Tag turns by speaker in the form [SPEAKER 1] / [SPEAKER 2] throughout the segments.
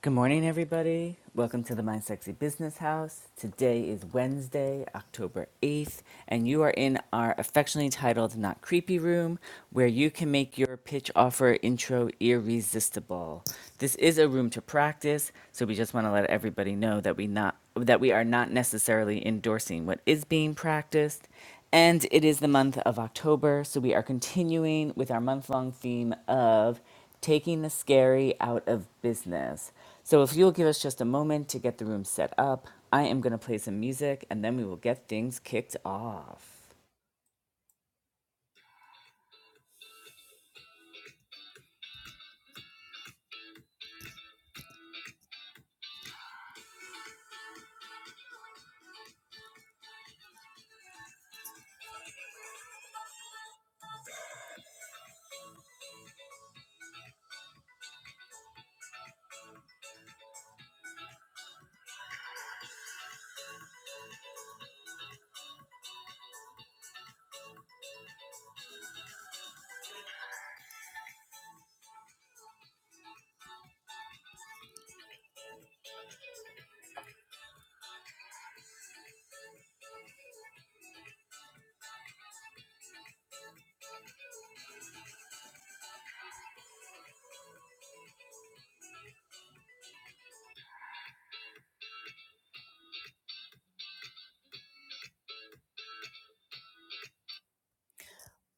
[SPEAKER 1] Good morning, everybody. Welcome to the My Sexy Business House. Today is Wednesday, October 8th, and you are in our affectionately titled Not Creepy Room, where you can make your pitch offer intro irresistible. This is a room to practice, so we just want to let everybody know that we not that we are not necessarily endorsing what is being practiced. And it is the month of October, so we are continuing with our month long theme of taking the scary out of business. So, if you'll give us just a moment to get the room set up, I am going to play some music and then we will get things kicked off.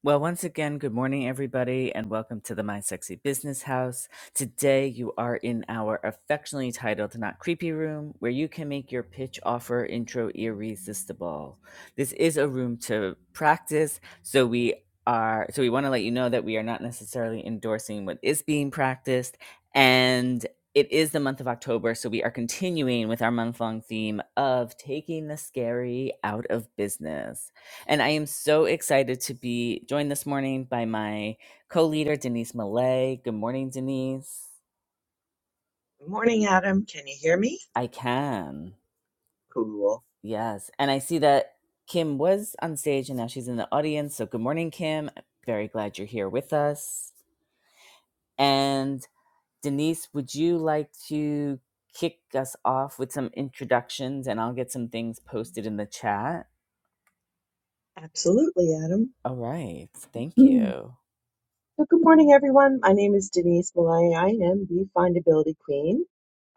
[SPEAKER 1] Well, once again, good morning, everybody, and welcome to the My Sexy Business House. Today, you are in our affectionately titled Not Creepy Room, where you can make your pitch offer intro irresistible. This is a room to practice, so we are so we want to let you know that we are not necessarily endorsing what is being practiced and it is the month of October, so we are continuing with our month long theme of taking the scary out of business. And I am so excited to be joined this morning by my co leader, Denise Millay. Good morning, Denise.
[SPEAKER 2] Good morning, Adam. Can you hear me?
[SPEAKER 1] I can.
[SPEAKER 2] Cool.
[SPEAKER 1] Yes. And I see that Kim was on stage and now she's in the audience. So good morning, Kim. Very glad you're here with us. And Denise, would you like to kick us off with some introductions and I'll get some things posted in the chat?
[SPEAKER 2] Absolutely, Adam.
[SPEAKER 1] All right. Thank
[SPEAKER 2] Hmm.
[SPEAKER 1] you.
[SPEAKER 2] So, good morning, everyone. My name is Denise Malay. I am the Findability Queen.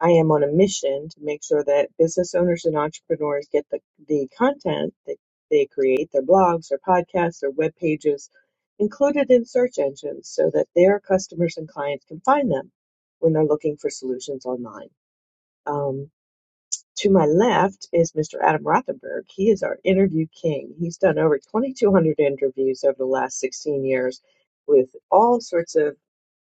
[SPEAKER 2] I am on a mission to make sure that business owners and entrepreneurs get the, the content that they create, their blogs, their podcasts, their web pages included in search engines so that their customers and clients can find them when they're looking for solutions online. Um, To my left is Mr. Adam Rothenberg. He is our interview king. He's done over 2,200 interviews over the last 16 years with all sorts of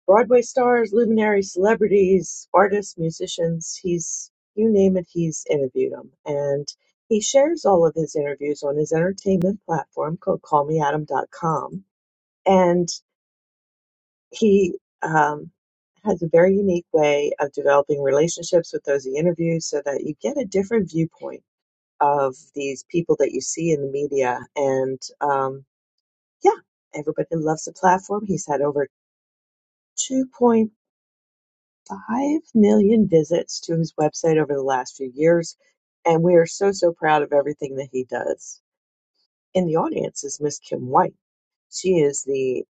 [SPEAKER 2] Broadway stars, luminaries, celebrities, artists, musicians. He's, you name it, he's interviewed them. And he shares all of his interviews on his entertainment platform called callmeadam.com. And he um, has a very unique way of developing relationships with those he interviews so that you get a different viewpoint of these people that you see in the media. And um, yeah, everybody loves the platform. He's had over 2.5 million visits to his website over the last few years. And we are so, so proud of everything that he does. In the audience is Miss Kim White. She is the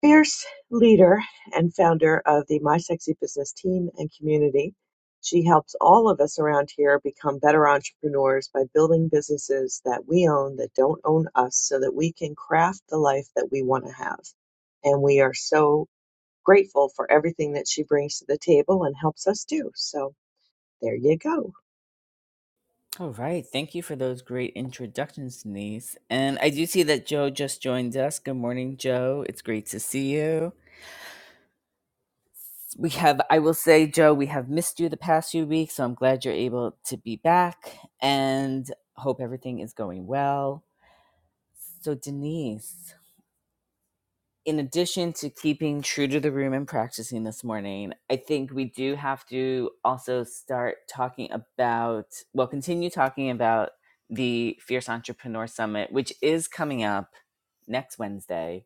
[SPEAKER 2] Fierce leader and founder of the My Sexy Business team and community. She helps all of us around here become better entrepreneurs by building businesses that we own that don't own us so that we can craft the life that we want to have. And we are so grateful for everything that she brings to the table and helps us do. So there you go.
[SPEAKER 1] All right. Thank you for those great introductions, Denise. And I do see that Joe just joined us. Good morning, Joe. It's great to see you. We have, I will say, Joe, we have missed you the past few weeks. So I'm glad you're able to be back and hope everything is going well. So, Denise, in addition to keeping true to the room and practicing this morning, I think we do have to also start talking about, well, continue talking about the Fierce Entrepreneur Summit, which is coming up next Wednesday,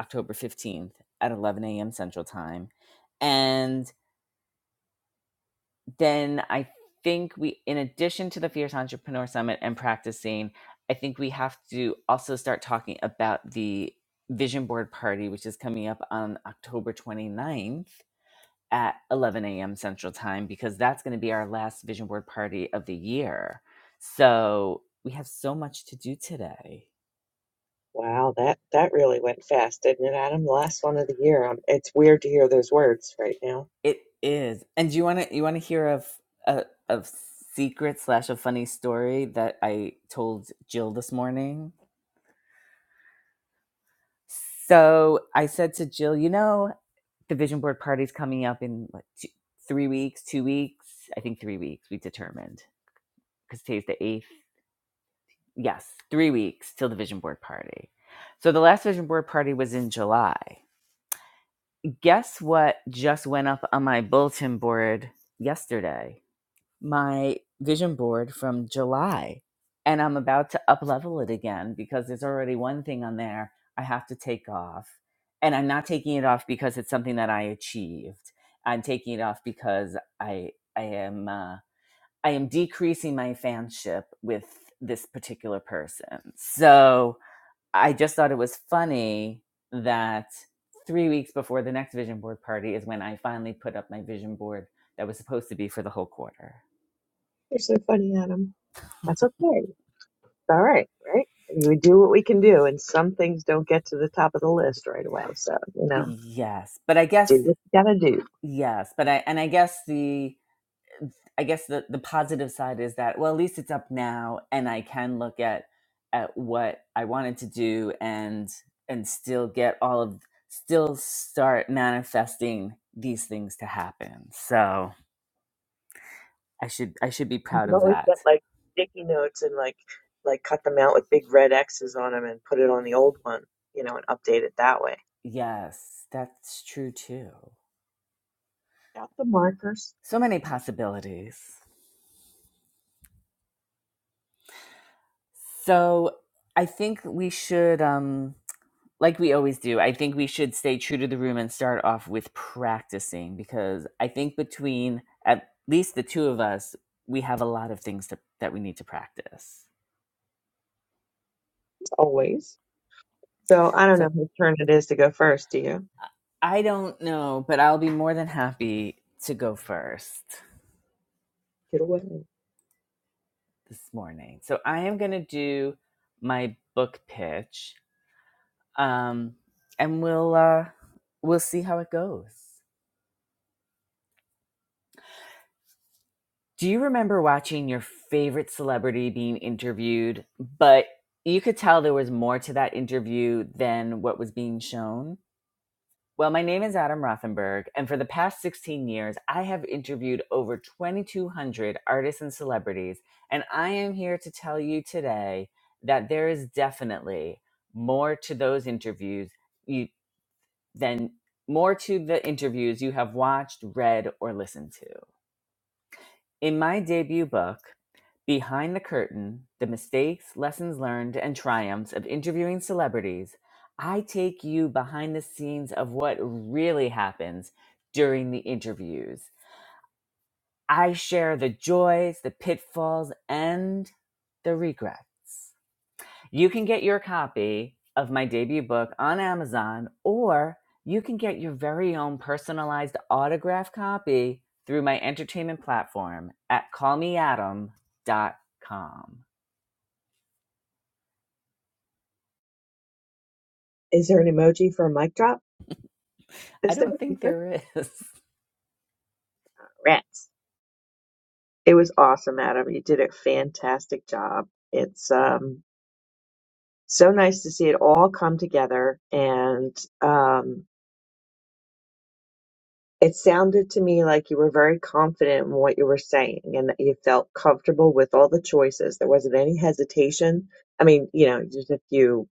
[SPEAKER 1] October 15th at 11 a.m. Central Time. and then I think we, in addition to the Fierce Entrepreneur Summit and practicing, I think we have to also start talking about the Vision Board Party, which is coming up on October 29th at 11 a.m. Central Time, because that's going to be our last Vision Board Party of the year. So we have so much to do today.
[SPEAKER 2] Wow, that that really went fast, didn't it, Adam? The last one of the year. Um, It's weird to hear those words right now.
[SPEAKER 1] It is, and do you want to you want to hear of a of secret slash a funny story that I told Jill this morning? So I said to Jill, you know, the vision board party's coming up in what, two, three weeks, two weeks. I think three weeks, we determined because today's the eighth. Yes, three weeks till the vision board party. So the last vision board party was in July. Guess what just went up on my bulletin board yesterday? my vision board from July and I'm about to up level it again because there's already one thing on there I have to take off. And I'm not taking it off because it's something that I achieved. I'm taking it off because I I am uh, I am decreasing my fanship with this particular person. So I just thought it was funny that three weeks before the next vision board party is when I finally put up my vision board that was supposed to be for the whole quarter.
[SPEAKER 2] you are so funny, Adam. That's okay. all right, right? I we do what we can do, and some things don't get to the top of the list right away. So you know,
[SPEAKER 1] Yes, but I
[SPEAKER 2] do
[SPEAKER 1] guess
[SPEAKER 2] what you gotta do.
[SPEAKER 1] yes, but I and I guess the I guess the the positive side is that well at least it's up now and I can look at at what I wanted to do and and still get all of still start manifesting these things to happen. So I should I should be
[SPEAKER 2] You
[SPEAKER 1] proud
[SPEAKER 2] can
[SPEAKER 1] of
[SPEAKER 2] always
[SPEAKER 1] that.
[SPEAKER 2] get like sticky notes and like like cut them out with big red X's on them and put it on the old one, you know, and update it that way.
[SPEAKER 1] Yes, that's true too.
[SPEAKER 2] Got the markers
[SPEAKER 1] So many possibilities. So I think we should um like we always do, I think we should stay true to the room and start off with practicing because I think between at least the two of us, we have a lot of things to, that we need to practice.
[SPEAKER 2] as always. So I don't
[SPEAKER 1] So
[SPEAKER 2] know whose turn it is to go first. Do you?
[SPEAKER 1] I I don't know, but I'll be more than happy to go first
[SPEAKER 2] Get away.
[SPEAKER 1] this morning. So I am going to do my book pitch um, and we'll, uh, we'll see how it goes. Do you remember watching your favorite celebrity being interviewed, but you could tell there was more to that interview than what was being shown? Well, my name is Adam Rothenberg, and for the past 16 years, I have interviewed over 2,200 artists and celebrities, and I am here to tell you today that there is definitely more to those interviews you, than more to the interviews you have watched, read, or listened to. In my debut book, Behind the curtain, the mistakes, lessons learned, and triumphs of interviewing celebrities, I take you behind the scenes of what really happens during the interviews. I share the joys, the pitfalls, and the regrets. You can get your copy of my debut book on Amazon, or you can get your very own personalized autographed copy through my entertainment platform at callmeadam.com.
[SPEAKER 2] Is there an emoji for a mic drop?
[SPEAKER 1] I
[SPEAKER 2] Is there?
[SPEAKER 1] don't
[SPEAKER 2] Is
[SPEAKER 1] think
[SPEAKER 2] there?
[SPEAKER 1] there is.
[SPEAKER 2] Rats. It was awesome, Adam. You did a fantastic job. It's um so nice to see it all come together. And um, it sounded to me like you were very confident in what you were saying and that you felt comfortable with all the choices. There wasn't any hesitation. I mean, you know, just a few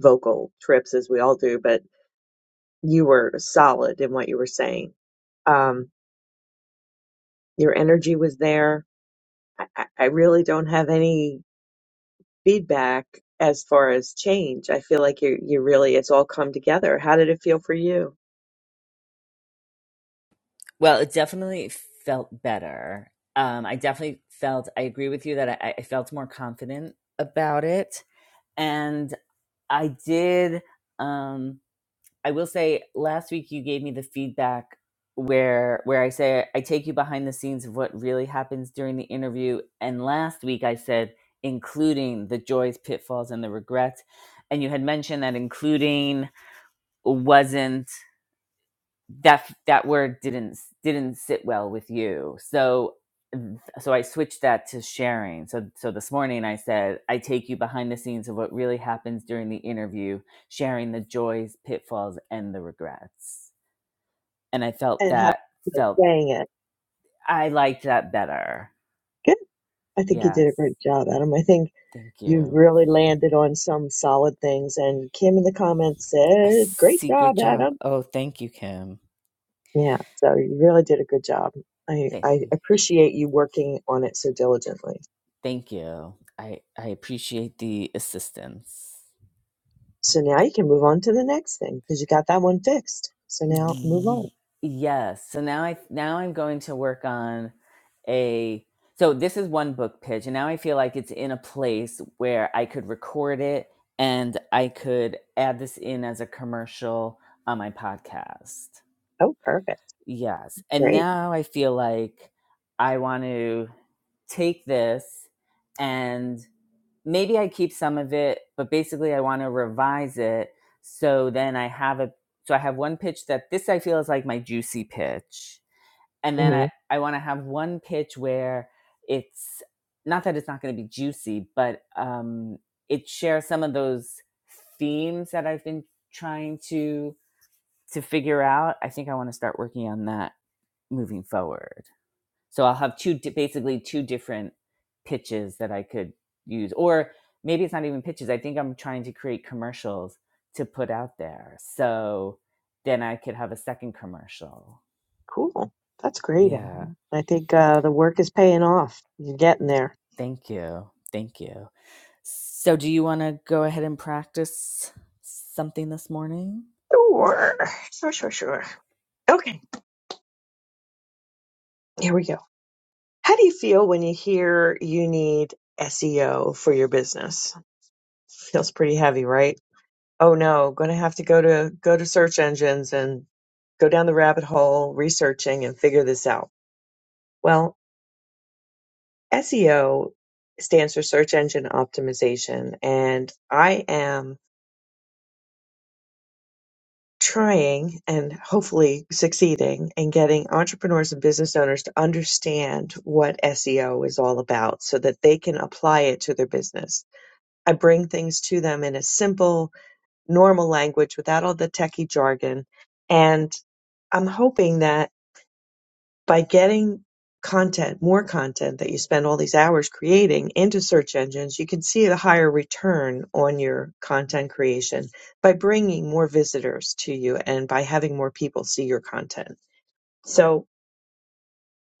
[SPEAKER 2] vocal trips as we all do, but you were solid in what you were saying. Um, your energy was there. I, I I really don't have any feedback as far as change. I feel like you you really it's all come together. How did it feel for you?
[SPEAKER 1] Well, it definitely felt better. Um, I definitely felt, I agree with you that I, I felt more confident about it. And I did, um, I will say last week you gave me the feedback where where I say I take you behind the scenes of what really happens during the interview. And last week I said including the joys, pitfalls, and the regrets. And you had mentioned that including wasn't that that word didn't didn't sit well with you so so i switched that to sharing so so this morning i said i take you behind the scenes of what really happens during the interview sharing the joys pitfalls and the regrets and i felt
[SPEAKER 2] and how
[SPEAKER 1] that
[SPEAKER 2] you know,
[SPEAKER 1] felt
[SPEAKER 2] saying it.
[SPEAKER 1] i liked that better
[SPEAKER 2] Good. I think you did a
[SPEAKER 1] yes
[SPEAKER 2] great job, Adam. I think
[SPEAKER 1] thank
[SPEAKER 2] you
[SPEAKER 1] you
[SPEAKER 2] really landed on some solid things. And Kim in the comments
[SPEAKER 1] i
[SPEAKER 2] said, "Great
[SPEAKER 1] see good
[SPEAKER 2] job,
[SPEAKER 1] job
[SPEAKER 2] Adam."
[SPEAKER 1] oh thank you kim
[SPEAKER 2] Yeah. So you really did a good job. I,
[SPEAKER 1] thank
[SPEAKER 2] I
[SPEAKER 1] you
[SPEAKER 2] appreciate you working on it so diligently.
[SPEAKER 1] thank you i i appreciate the assistance
[SPEAKER 2] So now you can move on to the next thing because you got that one fixed. So now move on.
[SPEAKER 1] Y- Yes. So now I now I'm going to work on a so this is one book pitch and now I feel like it's in a place where I could record it and I could add this in as a commercial on my podcast.
[SPEAKER 2] Oh, perfect.
[SPEAKER 1] Yes. And
[SPEAKER 2] Great.
[SPEAKER 1] now I feel like I want to take this and maybe I keep some of it, but basically I want to revise it so then I have a so I have one pitch that this I feel is like my juicy pitch. And then
[SPEAKER 2] hmm
[SPEAKER 1] I I want to have one pitch where it's not that it's not going to be juicy, but um it shares some of those themes that I've been trying to to figure out. I think I want to start working on that moving forward so i'll have two basically two different pitches that i could use or maybe it's not even pitches i think i'm trying to create commercials to put out there so then i could have a second commercial
[SPEAKER 2] Cool. That's great,
[SPEAKER 1] yeah
[SPEAKER 2] Adam. I think uh, the work is paying off. You're getting there.
[SPEAKER 1] thank you thank you So, do you want to go ahead and practice something this morning?
[SPEAKER 2] Sure. Sure, sure, sure. Okay, here we go. How do you feel when you hear you need SEO for your business? Feels pretty heavy, right? Oh no, going to have to go to go to search engines and go down the rabbit hole researching and figure this out. Well, SEO stands for search engine optimization and I am trying and hopefully succeeding in getting entrepreneurs and business owners to understand what SEO is all about so that they can apply it to their business I bring things to them in a simple, normal language without all the techie jargon. And I'm hoping that by getting content, more content that you spend all these hours creating into search engines, you can see a higher return on your content creation by bringing more visitors to you and by having more people see your content. So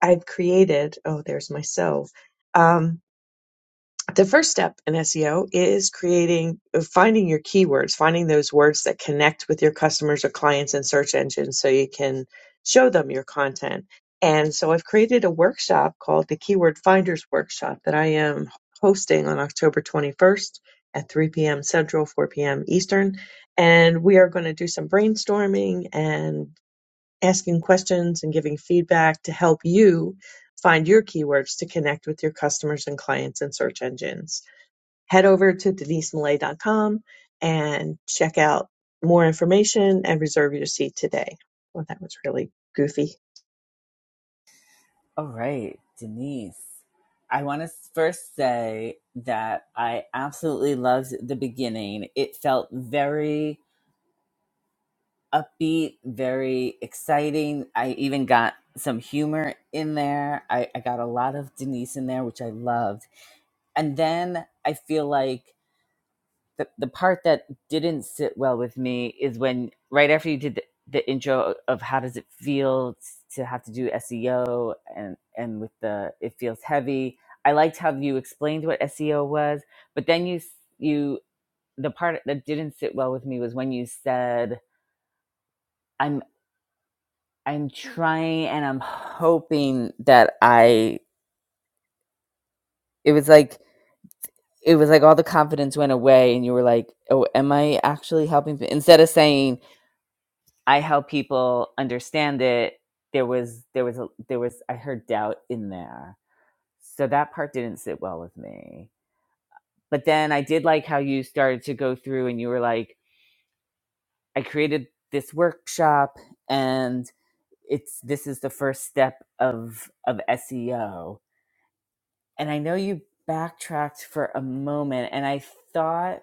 [SPEAKER 2] I've created, oh, there's myself. um, the first step in SEO is creating, uh, finding your keywords, finding those words that connect with your customers or clients in search engines so you can show them your content. And so I've created a workshop called the Keyword Finders Workshop that I am hosting on October 21st at 3 p.m. Central, 4 p.m. Eastern. And we are going to do some brainstorming and asking questions and giving feedback to help you find your keywords to connect with your customers and clients and search engines head over to denisemalay.com and check out more information and reserve your seat today. Well, that was really goofy.
[SPEAKER 1] All right, Denise. I want to first say that I absolutely loved the beginning. It felt very upbeat, very exciting. I even got some humor in there. I, I got a lot of Denise in there, which I loved. And then I feel like the, the part that didn't sit well with me is when, right after you did the, the intro of how does it feel to have to do SEO and, and with the, it feels heavy. I liked how you explained what SEO was, but then you, you, the part that didn't sit well with me was when you said, I'm. I'm trying and I'm hoping that I it was like it was like all the confidence went away and you were like, "Oh, am I actually helping?" pe-" Instead of saying, "I help people understand it," there was there was a there was I heard doubt in there. So that part didn't sit well with me. But then I did like how you started to go through and you were like, "I created this workshop and it's this is the first step of of SEO." and I know you backtracked for a moment, and I thought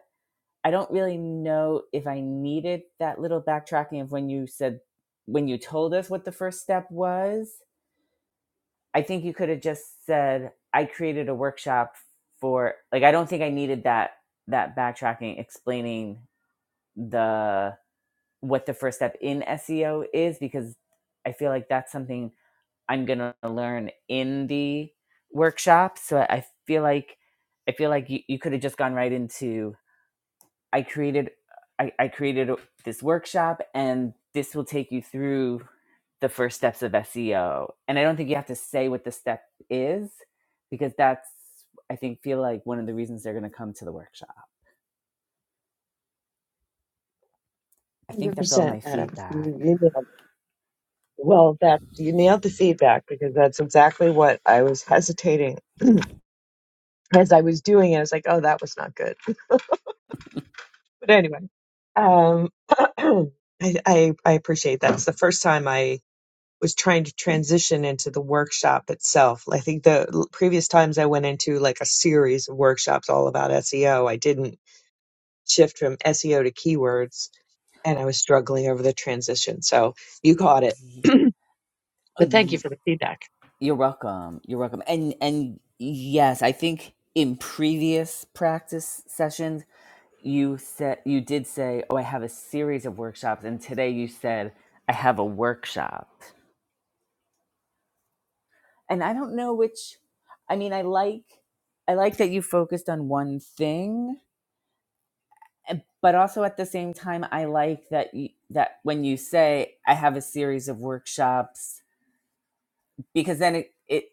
[SPEAKER 1] I don't really know if I needed that little backtracking of when you said when you told us what the first step was. I think you could have just said I created a workshop for like I don't think I needed that that backtracking explaining the what the first step in SEO is because I feel like that's something I'm gonna learn in the workshop. So I I feel like I feel like you, you could have just gone right into I created I, I created this workshop and this will take you through the first steps of SEO. And I don't think you have to say what the step is because that's I think feel like one of the reasons they're gonna come to the workshop. I
[SPEAKER 2] one
[SPEAKER 1] think
[SPEAKER 2] Hundred
[SPEAKER 1] that's all
[SPEAKER 2] percent,
[SPEAKER 1] my
[SPEAKER 2] Adam. You
[SPEAKER 1] feedback.
[SPEAKER 2] you nailed, well, that you nailed the feedback because that's exactly what I was hesitating as I was doing it. I was like, "Oh, that was not good." But anyway, um, I, I I appreciate that. It's the first time I was trying to transition into the workshop itself. I think the l- previous times I went into like a series of workshops all about SEO, I didn't shift from SEO to keywords, and I was struggling over the transition. So you caught it.
[SPEAKER 1] Yeah. Oh,
[SPEAKER 2] But thank
[SPEAKER 1] yeah.
[SPEAKER 2] you for the feedback.
[SPEAKER 1] You're welcome. You're welcome. And and yes, I think in previous practice sessions you said you did say, "Oh, I have a series of workshops," and today you said, "I have a workshop." And I don't know which. I mean, I like I like that you focused on one thing, and- but also at the same time, I like that you, that when you say, "I have a series of workshops," because then it it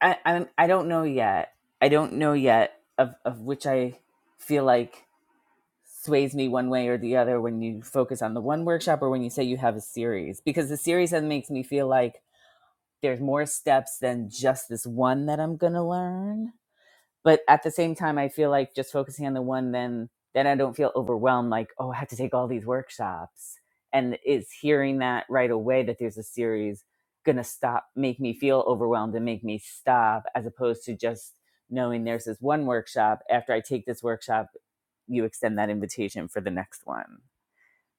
[SPEAKER 1] I I'm, I don't know yet. I don't know yet of of which I feel like sways me one way or the other when you focus on the one workshop or when you say you have a series because the series then makes me feel like there's more steps than just this one that I'm going to learn but at the same time i feel like just focusing on the one then then i don't feel overwhelmed like oh i have to take all these workshops and is hearing that right away that there's a series gonna stop make me feel overwhelmed and make me stop as opposed to just knowing there's this one workshop after i take this workshop you extend that invitation for the next one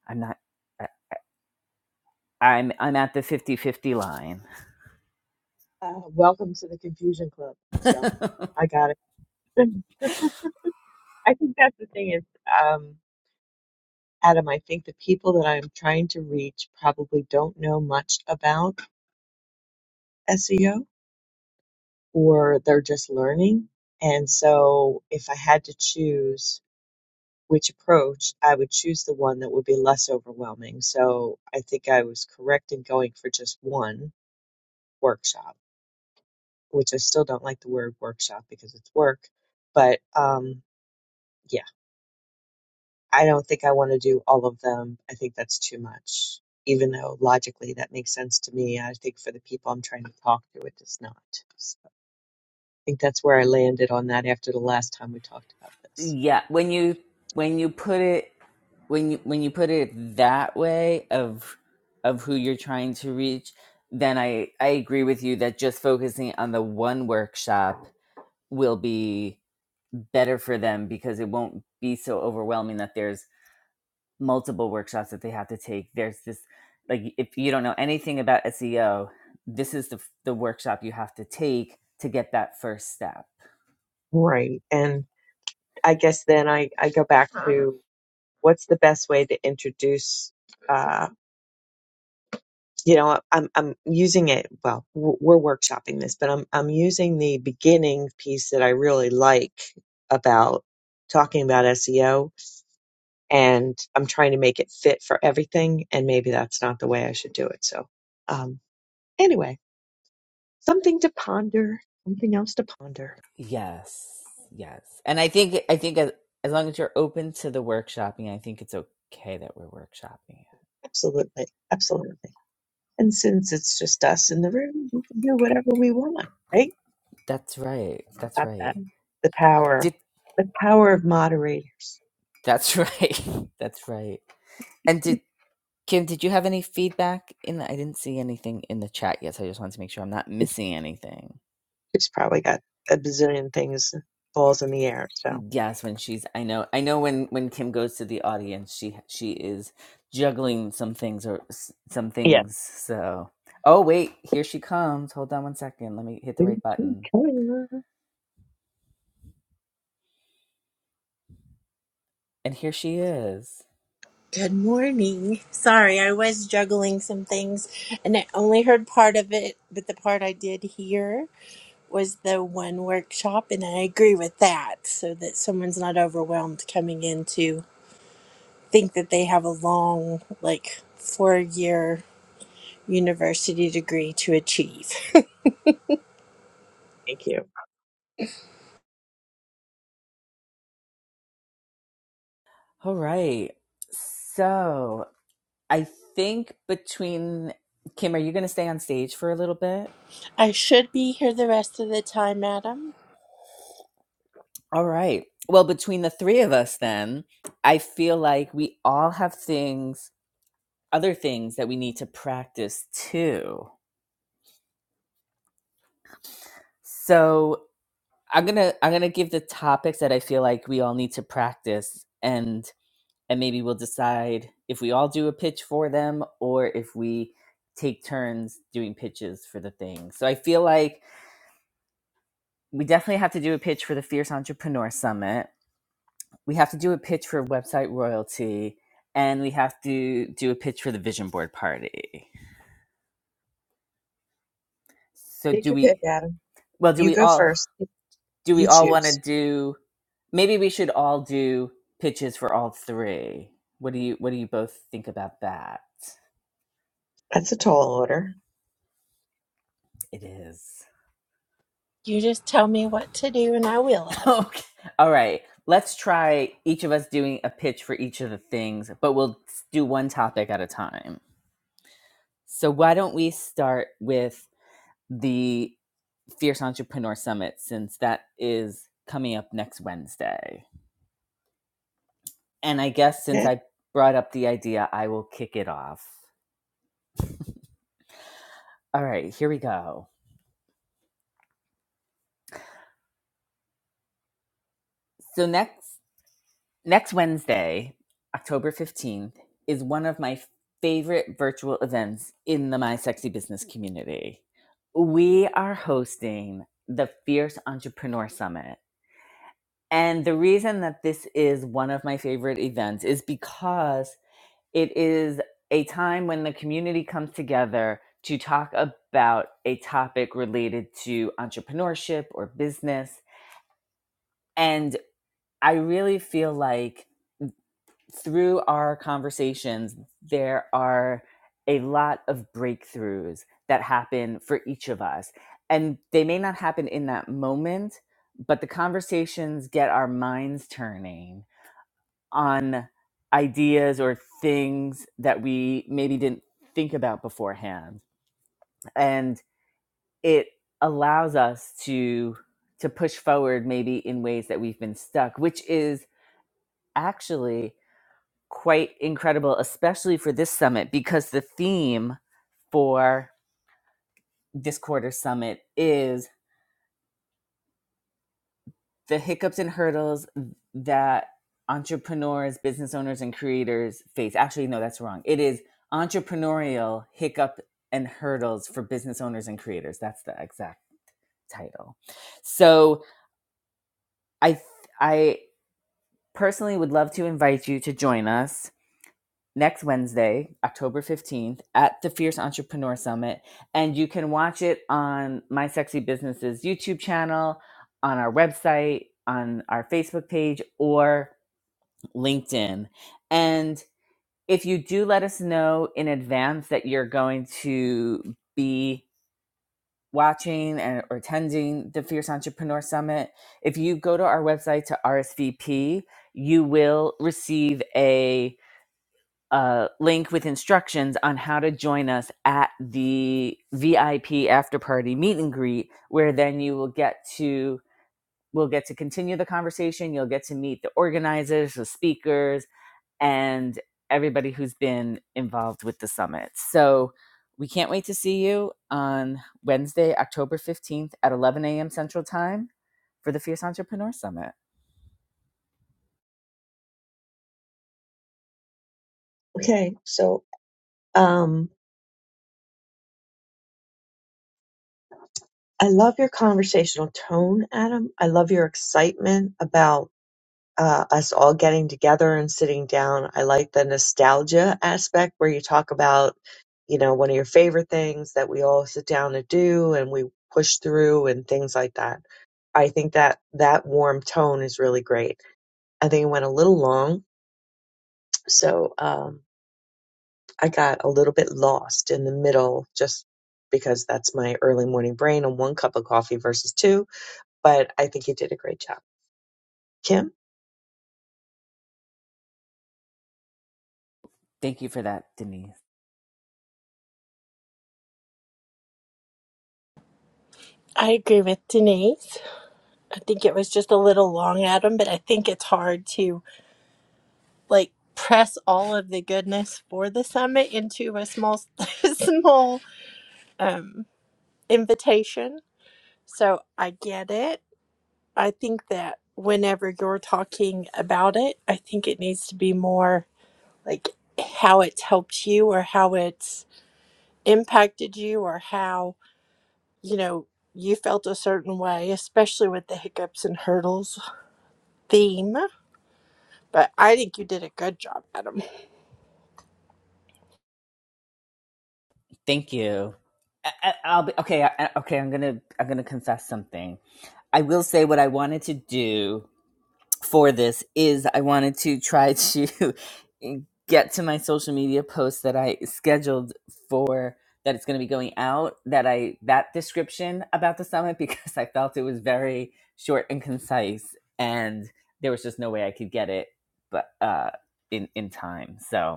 [SPEAKER 1] i'm not I- i'm i'm at the fifty fifty line
[SPEAKER 2] Uh, welcome to the Confusion Club. So I got it. I think that's the thing is, um, Adam, I think the people that I'm trying to reach probably don't know much about SEO or they're just learning. And so if I had to choose which approach, I would choose the one that would be less overwhelming. So I think I was correct in going for just one workshop. which I still don't like the word workshop because it's work. But um, yeah, I don't think I want to do all of them. I think that's too much. Even though logically that makes sense to me, I think for the people I'm trying to talk to, it does not. So think that's where I landed on that after the last time we talked about this.
[SPEAKER 1] yeah when you when you put it when you when you put it that way of of who you're trying to reach then i i agree with you that just focusing on the one workshop will be better for them because it won't be so overwhelming that there's multiple workshops that they have to take there's this like if you don't know anything about seo this is the the workshop you have to take to get that first step
[SPEAKER 2] Right. And I guess then I, I go back to what's the best way to introduce uh. you know i'm i'm using it well w- we're workshopping this but i'm i'm using the beginning piece that i really like about talking about SEO and I'm trying to make it fit for everything and maybe that's not the way I should do it so um anyway something to ponder something else to ponder
[SPEAKER 1] Yes, yes, and I think I think as, as long as you're open to the workshopping, I think it's okay that we're workshopping.
[SPEAKER 2] absolutely absolutely and since it's just us in the room we can do whatever we want right
[SPEAKER 1] That's right. That's
[SPEAKER 2] about that
[SPEAKER 1] right.
[SPEAKER 2] the power
[SPEAKER 1] Did
[SPEAKER 2] the power of moderators
[SPEAKER 1] that's right. that's right. And did Kim? Did you have any feedback in? The, I didn't see anything in the chat yet, so I just wanted to make sure I'm not missing anything.
[SPEAKER 2] She's probably got a bazillion things balls in the air. So
[SPEAKER 1] Yes, when she's I know I know when when Kim goes to the audience, she she is juggling some things or s- some
[SPEAKER 2] yeah.
[SPEAKER 1] things. So, oh wait, here she comes. Hold on one second. Let me hit the
[SPEAKER 2] Thank
[SPEAKER 1] right
[SPEAKER 2] you.
[SPEAKER 1] button.
[SPEAKER 2] Kayla.
[SPEAKER 1] And here she is.
[SPEAKER 3] Good morning. Sorry, I was juggling some things and I only heard part of it, but the part I did hear was the one workshop, and I agree with that so that someone's not overwhelmed coming in to think that they have a long, like, four year university degree to achieve.
[SPEAKER 2] Thank you.
[SPEAKER 1] All right. So, I think between Kim, are you going to stay on stage for a little bit?
[SPEAKER 3] I should be here the rest of the time, Adam.
[SPEAKER 1] All right. Well, between the three of us then, I feel like we all have things, other things that we need to practice too So I'm gonna I'm gonna give the topics that I feel like we all need to practice and and maybe we'll decide if we all do a pitch for them or if we take turns doing pitches for the thing. So I feel like we definitely have to do a pitch for the Fierce Entrepreneur Summit. We have to do a pitch for website royalty and we have to do a pitch for the vision board party. So
[SPEAKER 2] Take
[SPEAKER 1] do
[SPEAKER 2] your pick,
[SPEAKER 1] we
[SPEAKER 2] Adam.
[SPEAKER 1] well do
[SPEAKER 2] You
[SPEAKER 1] we
[SPEAKER 2] go
[SPEAKER 1] all
[SPEAKER 2] first.
[SPEAKER 1] do we
[SPEAKER 2] You
[SPEAKER 1] all want to
[SPEAKER 2] choose.
[SPEAKER 1] do maybe we should all do pitches for all three what do you what do you both think about that
[SPEAKER 2] That's a tall order.
[SPEAKER 1] it is
[SPEAKER 3] You just tell me what to do and I will, Adam.
[SPEAKER 1] okay all right let's try each of us doing a pitch for each of the things but we'll do one topic at a time so why don't we start with the fierce entrepreneur summit since that is coming up next wednesday and i guess since
[SPEAKER 2] Okay.
[SPEAKER 1] i brought up the idea i will kick it off all right here we go So next next Wednesday, October 15th, is one of my favorite virtual events in the My Sexy Business community. We are hosting the Fierce Entrepreneur Summit. And the reason that this is one of my favorite events is because it is a time when the community comes together to talk about a topic related to entrepreneurship or business. And I really feel like through our conversations, there are a lot of breakthroughs that happen for each of us. And they may not happen in that moment, but the conversations get our minds turning on ideas or things that we maybe didn't think about beforehand. And it allows us to to push forward maybe in ways that we've been stuck, which is actually quite incredible, especially for this summit, because the theme for this quarter summit is the hiccups and hurdles that entrepreneurs, business owners, and creators face. Actually, no, that's wrong. It is entrepreneurial hiccup and hurdles for business owners and creators. That's the exact title. So I I personally would love to invite you to join us next Wednesday, October 15th, at the Fierce Entrepreneur Summit. And you can watch it on My Sexy Business's YouTube channel, on our website, on our Facebook page, or LinkedIn. And if you do let us know in advance that you're going to be watching and or attending the Fierce Entrepreneur Summit, if you go to our website to RSVP, you will receive a uh, link with instructions on how to join us at the VIP after party meet and greet, where then you will get to we'll get to continue the conversation. You'll get to meet the organizers, the speakers, and everybody who's been involved with the summit. So we can't wait to see you on Wednesday, October 15th at 11 a.m. Central Time for the Fierce Entrepreneur Summit.
[SPEAKER 2] Okay. So um I love your conversational tone, Adam. I love your excitement about uh, us all getting together and sitting down. I like the nostalgia aspect where you talk about, you know, one of your favorite things that we all sit down to do and we push through and things like that. I think that that warm tone is really great. I think it went a little long, so um, I got a little bit lost in the middle just because that's my early morning brain on one cup of coffee versus two. But I think you did a great job. Kim,
[SPEAKER 1] Thank you for that, Denise.
[SPEAKER 3] I agree with Denise. I think it was just a little long, Adam, but I think it's hard to like press all of the goodness for the summit into a small small um invitation so i get it i think that whenever you're talking about it i think it needs to be more like how it's helped you or how it's impacted you or how you know you felt a certain way especially with the hiccups and hurdles theme but i think you did a good job adam
[SPEAKER 1] Thank you. I, will be okay. I- okay, I'm gonna I'm gonna confess something. I will say what I wanted to do for this is I wanted to try to get to my social media post that I scheduled for that it's going to be going out that I that description about the summit because I felt it was very short and concise and there was just no way I could get it but uh in in time. So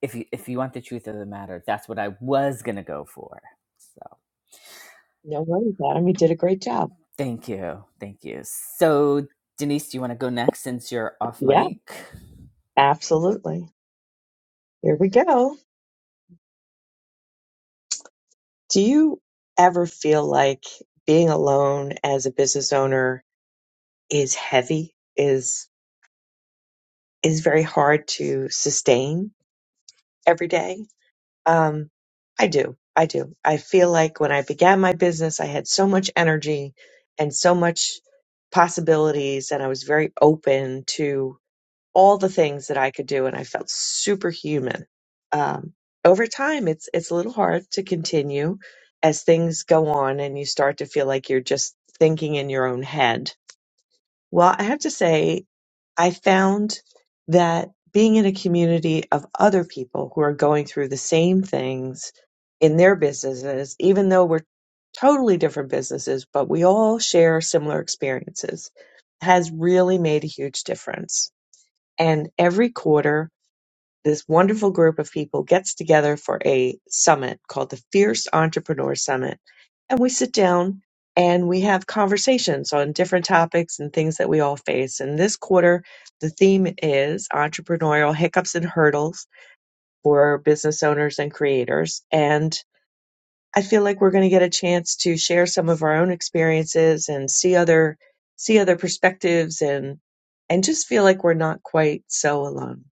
[SPEAKER 1] if you if you want the truth of the matter, that's what I was gonna go for. So
[SPEAKER 2] no worries, Adam. You did a great job.
[SPEAKER 1] thank you, thank you. So Denise, do you want to go next since you're off
[SPEAKER 2] Yeah,
[SPEAKER 1] mic?
[SPEAKER 2] absolutely. Here we go. Do you ever feel like being alone as a business owner is heavy, is is very hard to sustain every day? Um, I do. I do. I feel like when I began my business, I had so much energy and so much possibilities, and I was very open to all the things that I could do, and I felt superhuman. Um, over time, it's it's a little hard to continue as things go on, and you start to feel like you're just thinking in your own head well, I have to say, I found that being in a community of other people who are going through the same things in their businesses, even though we're totally different businesses, but we all share similar experiences, has really made a huge difference. And every quarter, this wonderful group of people gets together for a summit called the Fierce Entrepreneur Summit and we sit down and we have conversations on different topics and things that we all face. And this quarter, the theme is entrepreneurial hiccups and hurdles for business owners and creators. And I feel like we're going to get a chance to share some of our own experiences and see other see other perspectives and and just feel like we're not quite so alone.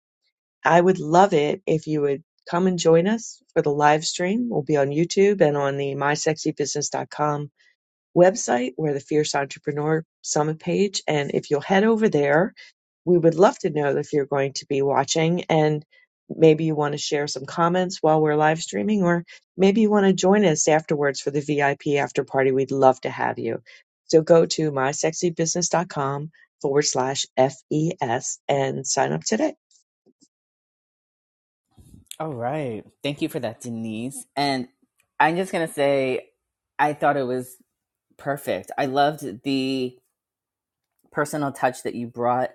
[SPEAKER 2] I would love it if you would come and join us for the live stream. We'll be on YouTube and on the my sexy business dot com website where the Fierce Entrepreneur Summit page. And if you'll head over there, we would love to know if you're going to be watching and maybe you want to share some comments while we're live streaming, or maybe you want to join us afterwards for the VIP after party. We'd love to have you. So go to mysexybusiness.com forward slash FES and sign up today.
[SPEAKER 1] All right, thank you for that, Denise. And I'm just gonna say, I thought it was perfect. I loved the personal touch that you brought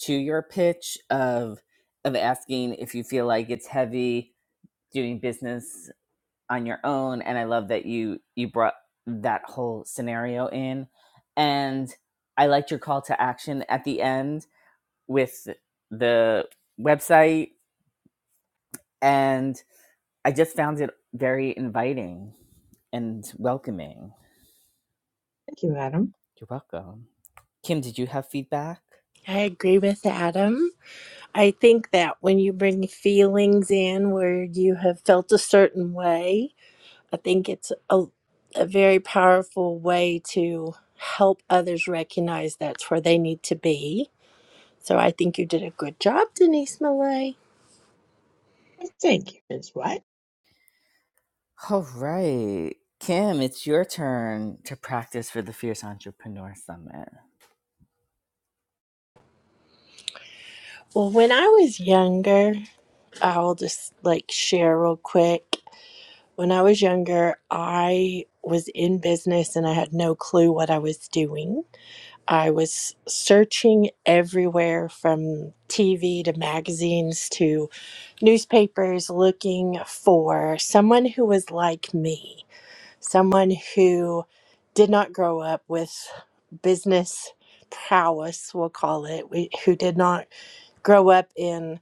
[SPEAKER 1] to your pitch of of asking if you feel like it's heavy doing business on your own and i love that you you brought that whole scenario in and i liked your call to action at the end with the website and i just found it very inviting and welcoming
[SPEAKER 2] Thank you, Adam.
[SPEAKER 1] you're welcome kim did you have feedback
[SPEAKER 3] i agree with adam I think that when you bring feelings in where you have felt a certain way, I think it's a, a very powerful way to help others recognize that's where they need to be. So I think you did a good job, Denise Millay.
[SPEAKER 2] Thank you, Ms. White.
[SPEAKER 1] All right. Kim, it's your turn to practice for the Fierce Entrepreneur Summit.
[SPEAKER 3] Well, when I was younger, I'll just like share real quick. When I was younger, I was in business and I had no clue what I was doing. I was searching everywhere from TV to magazines to newspapers looking for someone who was like me, someone who did not grow up with business prowess, we'll call it, we- who did not grow up in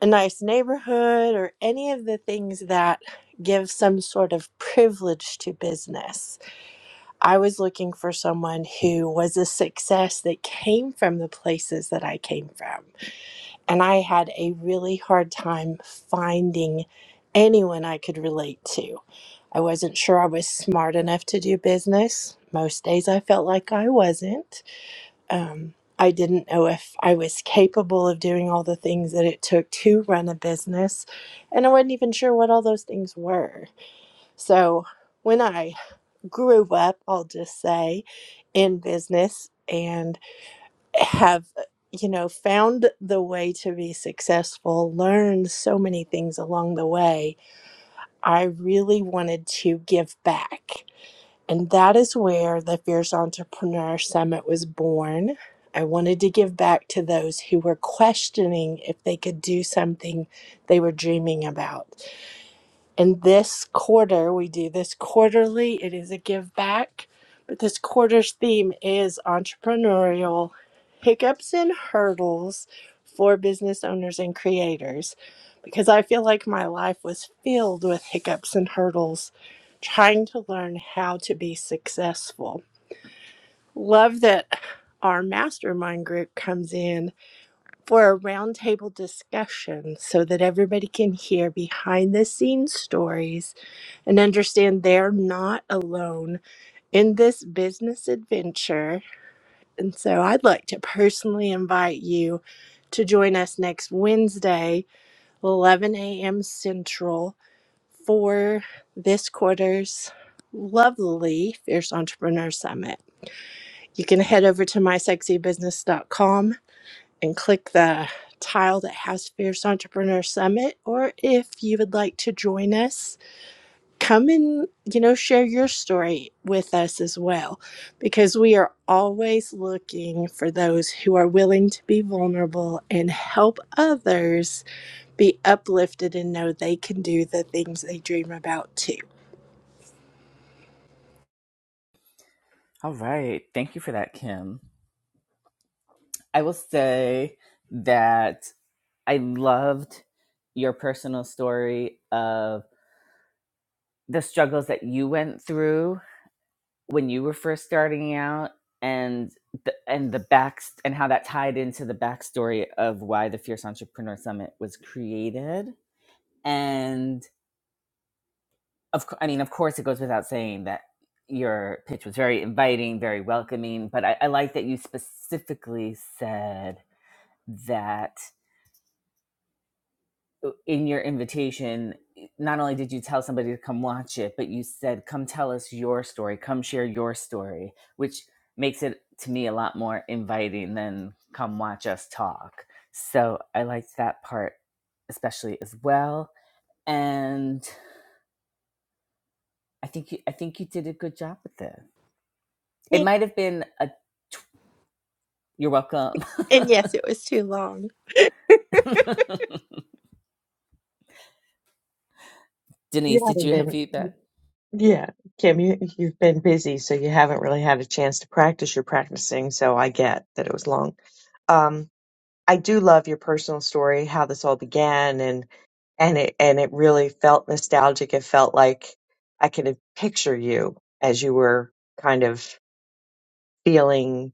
[SPEAKER 3] a nice neighborhood or any of the things that give some sort of privilege to business I was looking for someone who was a success that came from the places that I came from. And I had a really hard time finding anyone I could relate to. I wasn't sure I was smart enough to do business. Most days I felt like I wasn't. Um, I didn't know if I was capable of doing all the things that it took to run a business. And I wasn't even sure what all those things were. So, when I grew up, I'll just say, in business and have, uh, you know, found the way to be successful, learned so many things along the way. I really wanted to give back. And that is where the Fierce Entrepreneur Summit was born. I wanted to give back to those who were questioning if they could do something they were dreaming about. And this quarter, we do this quarterly. It is a give back. But this quarter's theme is entrepreneurial hiccups and hurdles for business owners and creators. Because I feel like my life was filled with hiccups and hurdles trying to learn how to be successful. Love that our mastermind group comes in for a roundtable discussion so that everybody can hear behind the scenes stories and understand they're not alone in this business adventure. And so I'd like to personally invite you to join us next Wednesday, 11 a.m. Central, for this quarter's lovely Fierce Entrepreneur Summit. You can head over to mysexybusiness.com and click the tile that has Fierce Entrepreneur Summit, or if you would like to join us come and you know share your story with us as well because we are always looking for those who are willing to be vulnerable and help others be uplifted and know they can do the things they dream about too
[SPEAKER 1] All right. Thank you for that, Kim. I will say that I loved your personal story of the struggles that you went through when you were first starting out and the, and the back and how that tied into the backstory of why the Fierce Entrepreneur Summit was created. And of course, I mean, of course, it goes without saying that your pitch was very inviting, very welcoming. But I, I like that you specifically said that in your invitation, not only did you tell somebody to come watch it, but you said, "Come tell us your story. Come share your story," which makes it to me a lot more inviting than "Come watch us talk." So I liked that part especially as well, and I think you, I think you did a good job with it. It
[SPEAKER 3] Thank-
[SPEAKER 1] might have been a. Tw- You're welcome.
[SPEAKER 3] and yes it was too long
[SPEAKER 2] You
[SPEAKER 1] Denise, did
[SPEAKER 2] haven't
[SPEAKER 1] you have
[SPEAKER 2] been.
[SPEAKER 1] feedback?
[SPEAKER 2] Yeah, Kim, you, you've been busy, so you haven't really had a chance to practice You're practicing, so I get that it was long. Um, I do love your personal story, how this all began, and and it and it really felt nostalgic. It felt like I could picture you as you were kind of feeling,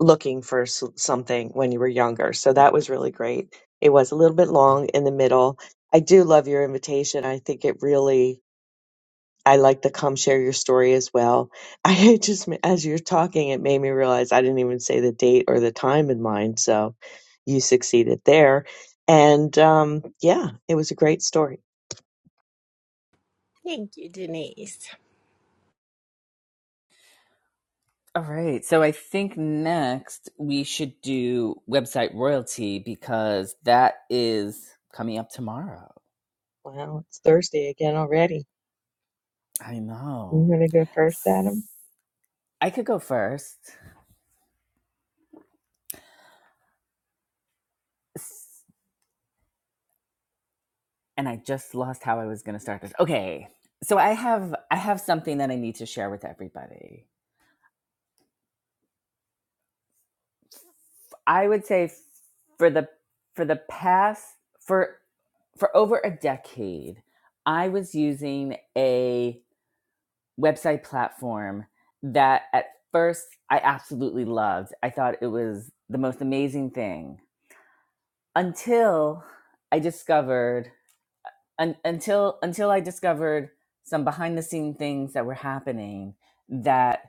[SPEAKER 2] looking for s- something when you were younger. So that was really great. It was a little bit long in the middle. I do love your invitation. I think it really I like the come share your story as well. I had just, as you're talking, it made me realize I didn't even say the date or the time in mind. So you succeeded there. And um, yeah, it was a great story.
[SPEAKER 3] thank you denise
[SPEAKER 1] All right. So I think next we should do website royalty because that is coming up tomorrow.
[SPEAKER 2] Wow, it's Thursday again already.
[SPEAKER 1] I
[SPEAKER 2] You
[SPEAKER 1] know.
[SPEAKER 2] going to go first, Adam?
[SPEAKER 1] I could go first. And I just lost how I was going to start this. Okay. So I have I have something that I need to share with everybody. I would say for the for the past for for over a decade, I was using a website platform that at first I absolutely loved. I thought it was the most amazing thing until I discovered un, until until I discovered some behind the scene things that were happening that.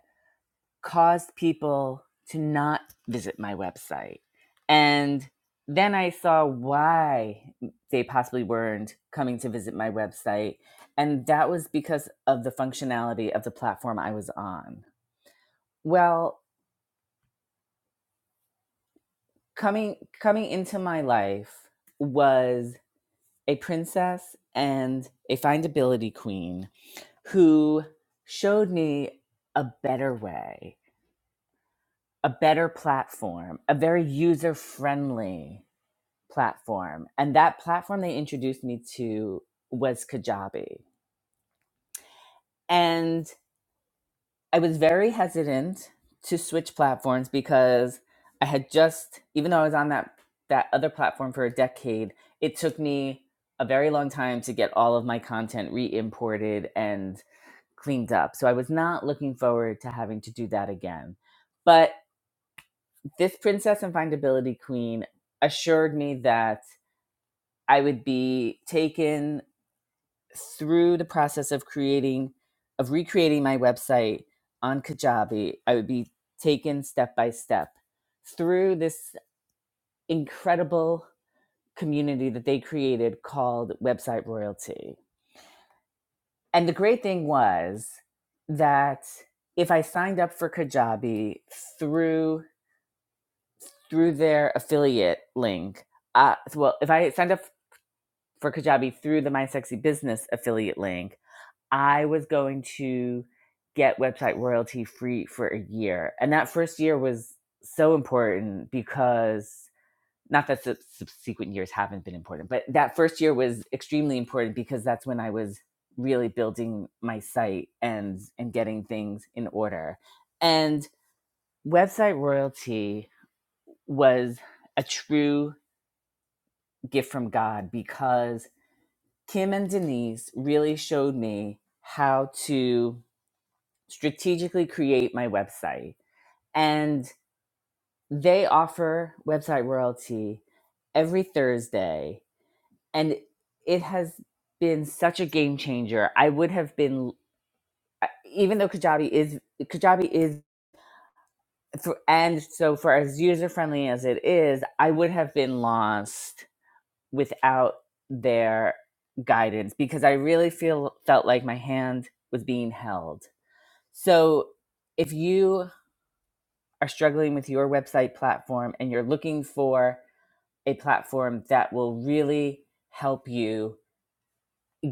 [SPEAKER 1] caused people to not visit my website. And then I saw why they possibly weren't coming to visit my website. And that was because of the functionality of the platform I was on. Well, coming coming into my life was a princess and a findability queen who showed me a better way, a better platform, a very user friendly platform. And that platform they introduced me to was Kajabi. And I was very hesitant to switch platforms because I had just, even though I was on that, that other platform for a decade, it took me a very long time to get all of my content re imported and cleaned up. So I was not looking forward to having to do that again. But this Princess and Findability Queen assured me that I would be taken through the process of creating of recreating my website on Kajabi, I would be taken step by step through this incredible community that they created called Website Royalty. And the great thing was that if I signed up for Kajabi through through their affiliate link, uh, well, if I signed up for Kajabi through the My Sexy Business affiliate link, I was going to get website royalty free for a year. And that first year was so important because not that the subsequent years haven't been important, but that first year was extremely important because that's when I was really building my site and and getting things in order. And website royalty was a true gift from God because Kim and Denise really showed me how to strategically create my website. And they offer website royalty every Thursday. And it has been such a game changer. I would have been, uh, even though Kajabi is, Kajabi is, and so for as user friendly as it is, I would have been lost without their guidance because I really feel felt like my hand was being held. So if you are struggling with your website platform and you're looking for a platform that will really help you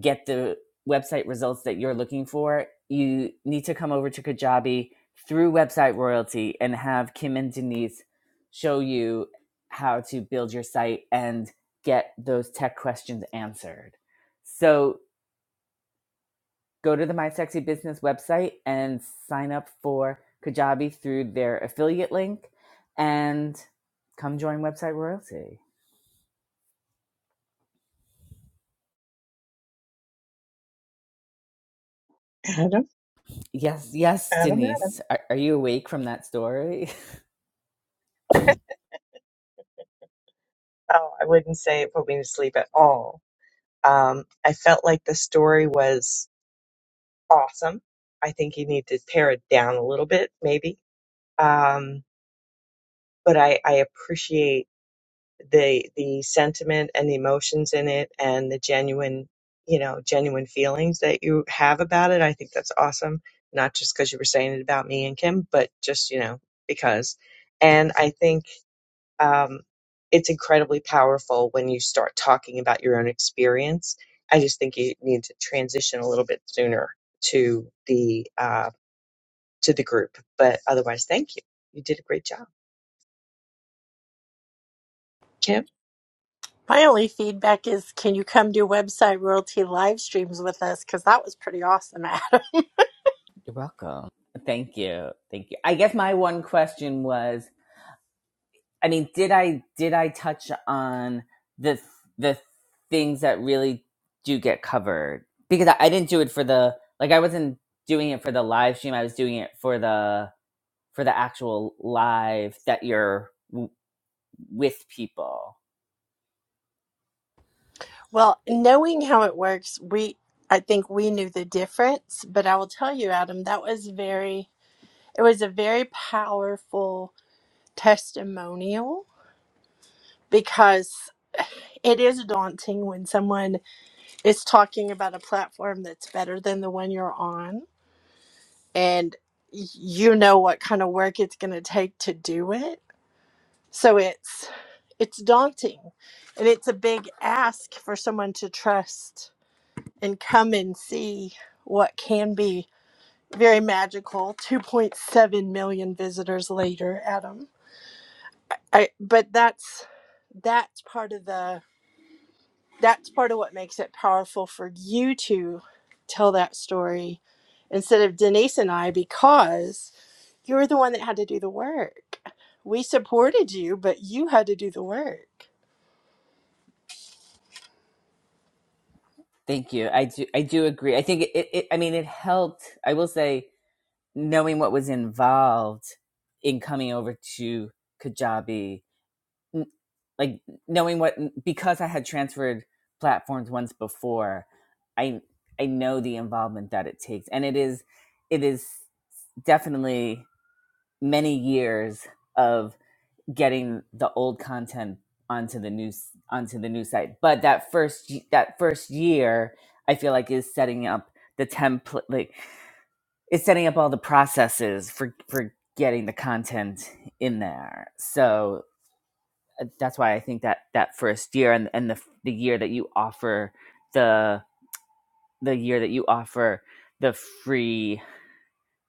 [SPEAKER 1] get the website results that you're looking for, you need to come over to Kajabi through Website Royalty and have Kim and Denise show you how to build your site and get those tech questions answered. So Go to the My Sexy Business website and sign up for Kajabi through their affiliate link and come join Website Royalty.
[SPEAKER 2] Adam?
[SPEAKER 1] Yes,
[SPEAKER 2] Adam?
[SPEAKER 1] yes,
[SPEAKER 2] Adam?
[SPEAKER 1] Denise. Are, are you awake from that story?
[SPEAKER 2] Oh, I wouldn't say it put me to sleep at all. Um, I felt like the story was awesome. I think you need to pare it down a little bit, maybe. Um, but I, I appreciate the the sentiment and the emotions in it and the genuine, you know, genuine feelings that you have about it. I think that's awesome. Not just because you were saying it about me and Kim, but just you know because. And I think um, it's incredibly powerful when you start talking about your own experience. I just think you need to transition a little bit sooner to the uh, to the group. But otherwise, thank you. You did a great job, Kim.
[SPEAKER 3] my only feedback is can you come do website royalty live streams with us because that was pretty awesome
[SPEAKER 1] You're welcome. Thank you. Thank you. I guess my one question was, I mean, did I did I touch on the the things that really do get covered? Because I, I didn't do it for the like I wasn't doing it for the live stream. I was doing it for the for the actual live that you're with people.
[SPEAKER 3] Well, knowing how it works, we I think we knew the difference, but I will tell you, Adam, that was very it was a very powerful testimonial because it is daunting when someone is talking about a platform that's better than the one you're on and y- you know what kind of work it's going to take to do it. So it's it's daunting and it's a big ask for someone to trust and come and see what can be very magical 2.7 million visitors later adam I, but that's that's part of the that's part of what makes it powerful for you to tell that story instead of denise and i because you're the one that had to do the work we supported you but you had to do the work
[SPEAKER 1] Thank you. I do. I do agree. I think it, it, I mean, it helped. I will say, knowing what was involved in coming over to Kajabi, like knowing what because I had transferred platforms once before, I I know the involvement that it takes, and it is it is definitely many years of. getting the old content onto the new s- onto the new site. But that first y- that first year, I feel like is setting up the template, like it's setting up all the processes for for getting the content in there. So uh, that's why I think that that first year and and the f- the year that you offer the the year that you offer the free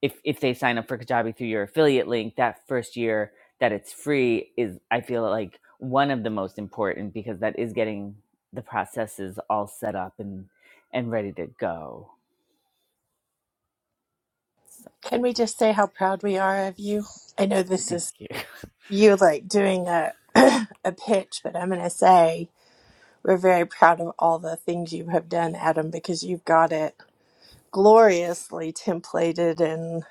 [SPEAKER 1] if if they sign up for Kajabi through your affiliate link, that first year that it's free is I feel like one of the most important because that is getting the processes all set up and and ready to go. So,
[SPEAKER 3] can we just say how proud we are of you i know this
[SPEAKER 1] thank
[SPEAKER 3] is
[SPEAKER 1] you.
[SPEAKER 3] you like doing a a pitch, but I'm going to say we're very proud of all the things you have done, Adam, because you've got it gloriously templated and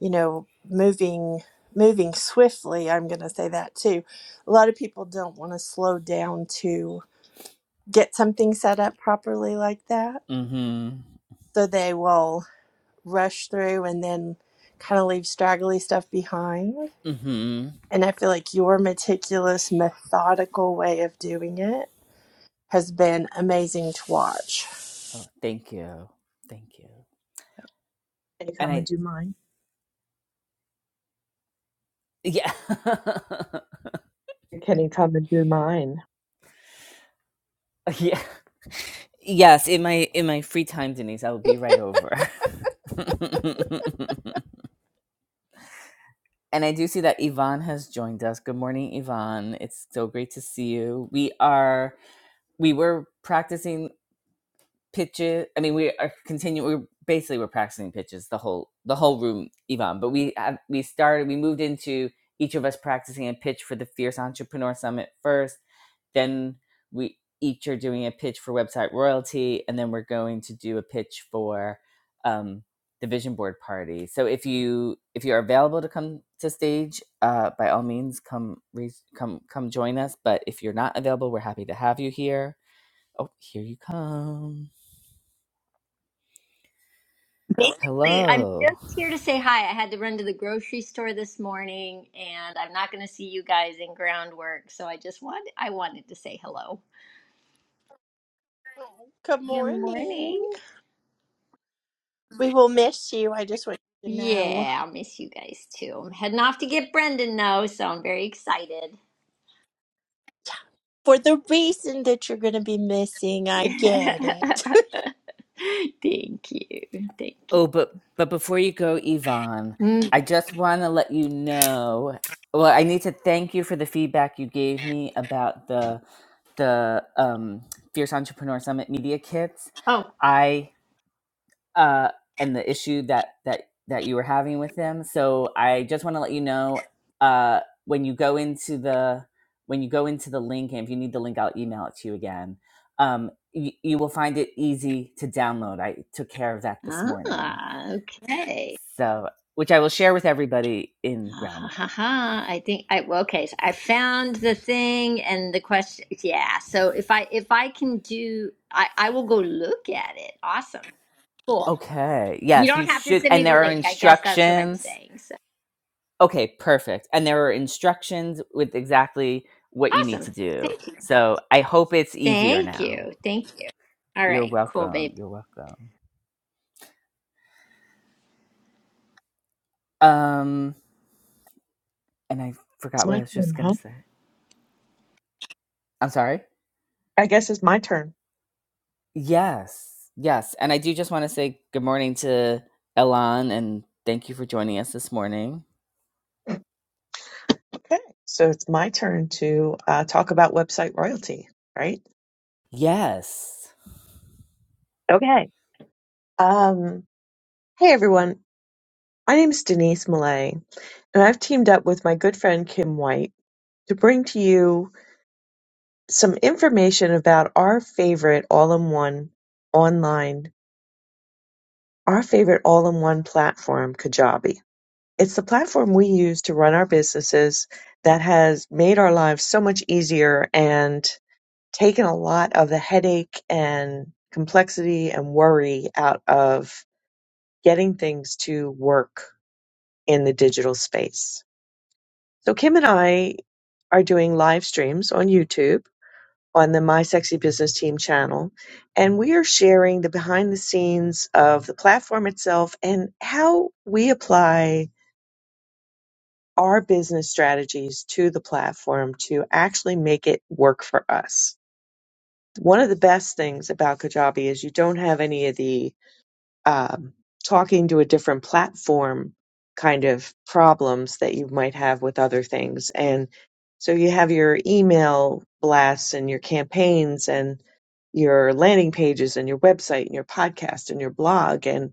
[SPEAKER 3] you know moving moving swiftly. I'm going to say that too. A lot of people don't want to slow down to get something set up properly like that,
[SPEAKER 1] Mhm.
[SPEAKER 3] so they will rush through and then kind of leave straggly stuff behind.
[SPEAKER 1] Mhm.
[SPEAKER 3] And I feel like your meticulous, methodical way of doing it has been amazing to watch.
[SPEAKER 1] Oh, thank you. Thank you.
[SPEAKER 2] Can you
[SPEAKER 1] And
[SPEAKER 2] come and
[SPEAKER 1] I
[SPEAKER 2] do mine?
[SPEAKER 1] yeah.
[SPEAKER 2] Can you come and do mine?
[SPEAKER 1] yeah. Yes, in my in my free time Denise, I will be right over. And I do see that Yvonne has joined us. Good morning, Yvonne. It's so great to see you. We are we were practicing pitches. I mean, we are continuing. We're basically we're practicing pitches the whole the whole room, Yvonne. But we have, we started. We moved into each of us practicing a pitch for the Fierce Entrepreneur Summit first then we each are doing a pitch for website royalty, and then we're going to do a pitch for um, the vision board party. So if you if you are available to come to stage, uh, by all means come re- come come join us. But if you're not available, we're happy to have you here. Oh, here you come.
[SPEAKER 4] Basically, I'm
[SPEAKER 1] Hello.
[SPEAKER 4] just here to say hi. I had to run to the grocery store this morning, and I'm not going to see you guys in groundwork, so I just want I wanted to say hello.
[SPEAKER 3] Good
[SPEAKER 4] Good
[SPEAKER 3] morning.
[SPEAKER 4] morning.
[SPEAKER 3] We will miss you. I just want you to know.
[SPEAKER 4] Yeah, I'll miss you guys too. I'm heading off to get Brendan now, so I'm very excited.
[SPEAKER 3] For the reason that you're going to be missing, I
[SPEAKER 4] Yeah.
[SPEAKER 3] get it.
[SPEAKER 4] Thank you. Thank you.
[SPEAKER 1] Oh, but but before you go, Yvonne,
[SPEAKER 4] Mm,
[SPEAKER 1] I just want to let you know. Well, I need to thank you for the feedback you gave me about the the um, Fierce Entrepreneur Summit media kits.
[SPEAKER 4] Oh,
[SPEAKER 1] I uh, and the issue that that that you were having with them. So I just want to let you know uh, when you go into the when you go into the link, and if you need the link, I'll email it to you again. Um, you, you will find it easy to download. I took care of that this morning,
[SPEAKER 4] ah, okay.
[SPEAKER 1] so which I will share with everybody in
[SPEAKER 4] Ah, ha, ha,
[SPEAKER 1] groundwork.
[SPEAKER 4] ha. I think I well, okay. So I found the thing and the question. Yeah. So if I if I can do, I I will go look at it. Awesome. Cool.
[SPEAKER 1] Okay.
[SPEAKER 4] You
[SPEAKER 1] Yes, you
[SPEAKER 4] don't have to
[SPEAKER 1] should.
[SPEAKER 4] send
[SPEAKER 1] And
[SPEAKER 4] me the
[SPEAKER 1] there are
[SPEAKER 4] link. I guess that's what I'm
[SPEAKER 1] instructions
[SPEAKER 4] saying. So
[SPEAKER 1] Okay, perfect. And there are instructions with exactly what you need
[SPEAKER 4] awesome.
[SPEAKER 1] to do.
[SPEAKER 4] Thank you.
[SPEAKER 1] So I hope it's easier
[SPEAKER 4] Thank
[SPEAKER 1] now.
[SPEAKER 4] you. Thank you. All
[SPEAKER 1] You're
[SPEAKER 4] right. Cool,
[SPEAKER 1] welcome.
[SPEAKER 4] babe.
[SPEAKER 1] You're welcome. Um, and I
[SPEAKER 2] It's
[SPEAKER 1] forgot what I
[SPEAKER 2] my
[SPEAKER 1] was just
[SPEAKER 2] turn,
[SPEAKER 1] gonna
[SPEAKER 2] huh?
[SPEAKER 1] say. I'm sorry.
[SPEAKER 2] I guess it's my turn.
[SPEAKER 1] Yes, yes. And I do just want to say good morning to Elan and thank you for joining us this morning.
[SPEAKER 2] Okay. So it's my turn to uh, talk about website royalty, right?
[SPEAKER 1] Yes.
[SPEAKER 2] Okay. Um, hey, everyone. My name is Denise Millay, and I've teamed up with my good friend Kim White. to bring to you some information about our favorite all-in-one online, our favorite all-in-one platform, Kajabi. It's the platform we use to run our businesses that has made our lives so much easier and taken a lot of the headache and complexity and worry out of getting things to work in the digital space. So Kim and I are doing live streams on YouTube on the My Sexy Business Team channel. And we are sharing the behind the scenes of the platform itself and how we apply our business strategies to the platform to actually make it work for us. One of the best things about Kajabi is you don't have any of the um, talking to a different platform kind of problems that you might have with other things. And so you have your email blasts and your campaigns and your landing pages and your website and your podcast and your blog and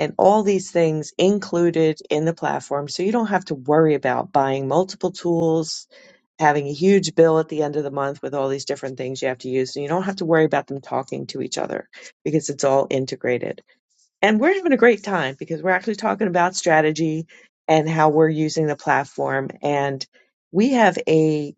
[SPEAKER 2] and all these things included in the platform so you don't have to worry about buying multiple tools having a huge bill at the end of the month with all these different things you have to use and you don't have to worry about them talking to each other because it's all integrated and we're having a great time because we're actually talking about strategy and how we're using the platform. And we have a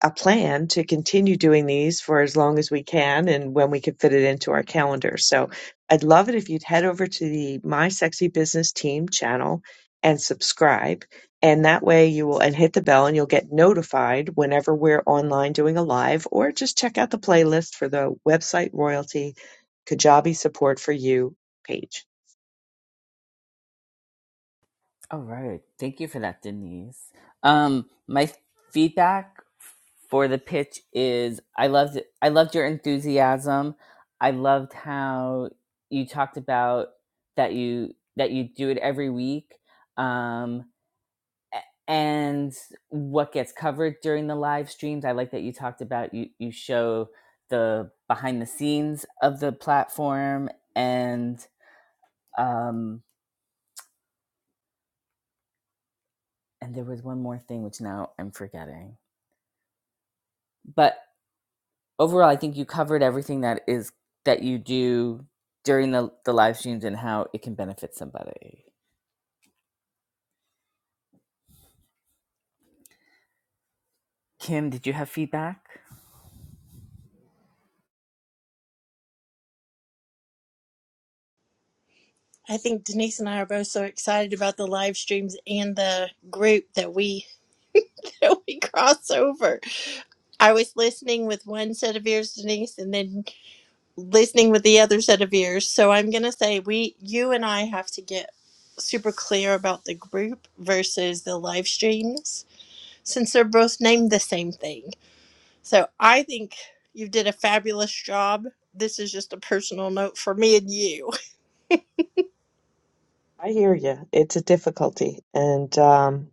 [SPEAKER 2] a plan to continue doing these for as long as we can and when we can fit it into our calendar. So I'd love it if you'd head over to the My Sexy Business Team channel and subscribe. And that way you will and hit the bell and you'll get notified whenever we're online doing a live or just check out the playlist for the website royalty Kajabi support for you page.
[SPEAKER 1] All right. Thank you for that, Denise. Um, my feedback for the pitch is I loved it. I loved your enthusiasm. I loved how you talked about that you that you do it every week. Um a- and what gets covered during the live streams. I like that you talked about you you show the behind the scenes of the platform and um and there was one more thing which now I'm forgetting. but overall i think you covered everything that is that you do during the, the live streams and how it can benefit somebody kim did you have feedback
[SPEAKER 3] I think Denise and I are both so excited about the live streams and the group that we that we cross over. I was listening with one set of ears, Denise, and then listening with the other set of ears. So I'm going to say we you and I have to get super clear about the group versus the live streams since they're both named the same thing. So I think you did a fabulous job. This is just a personal note for me and you.
[SPEAKER 2] I hear you. It's a difficulty. And um,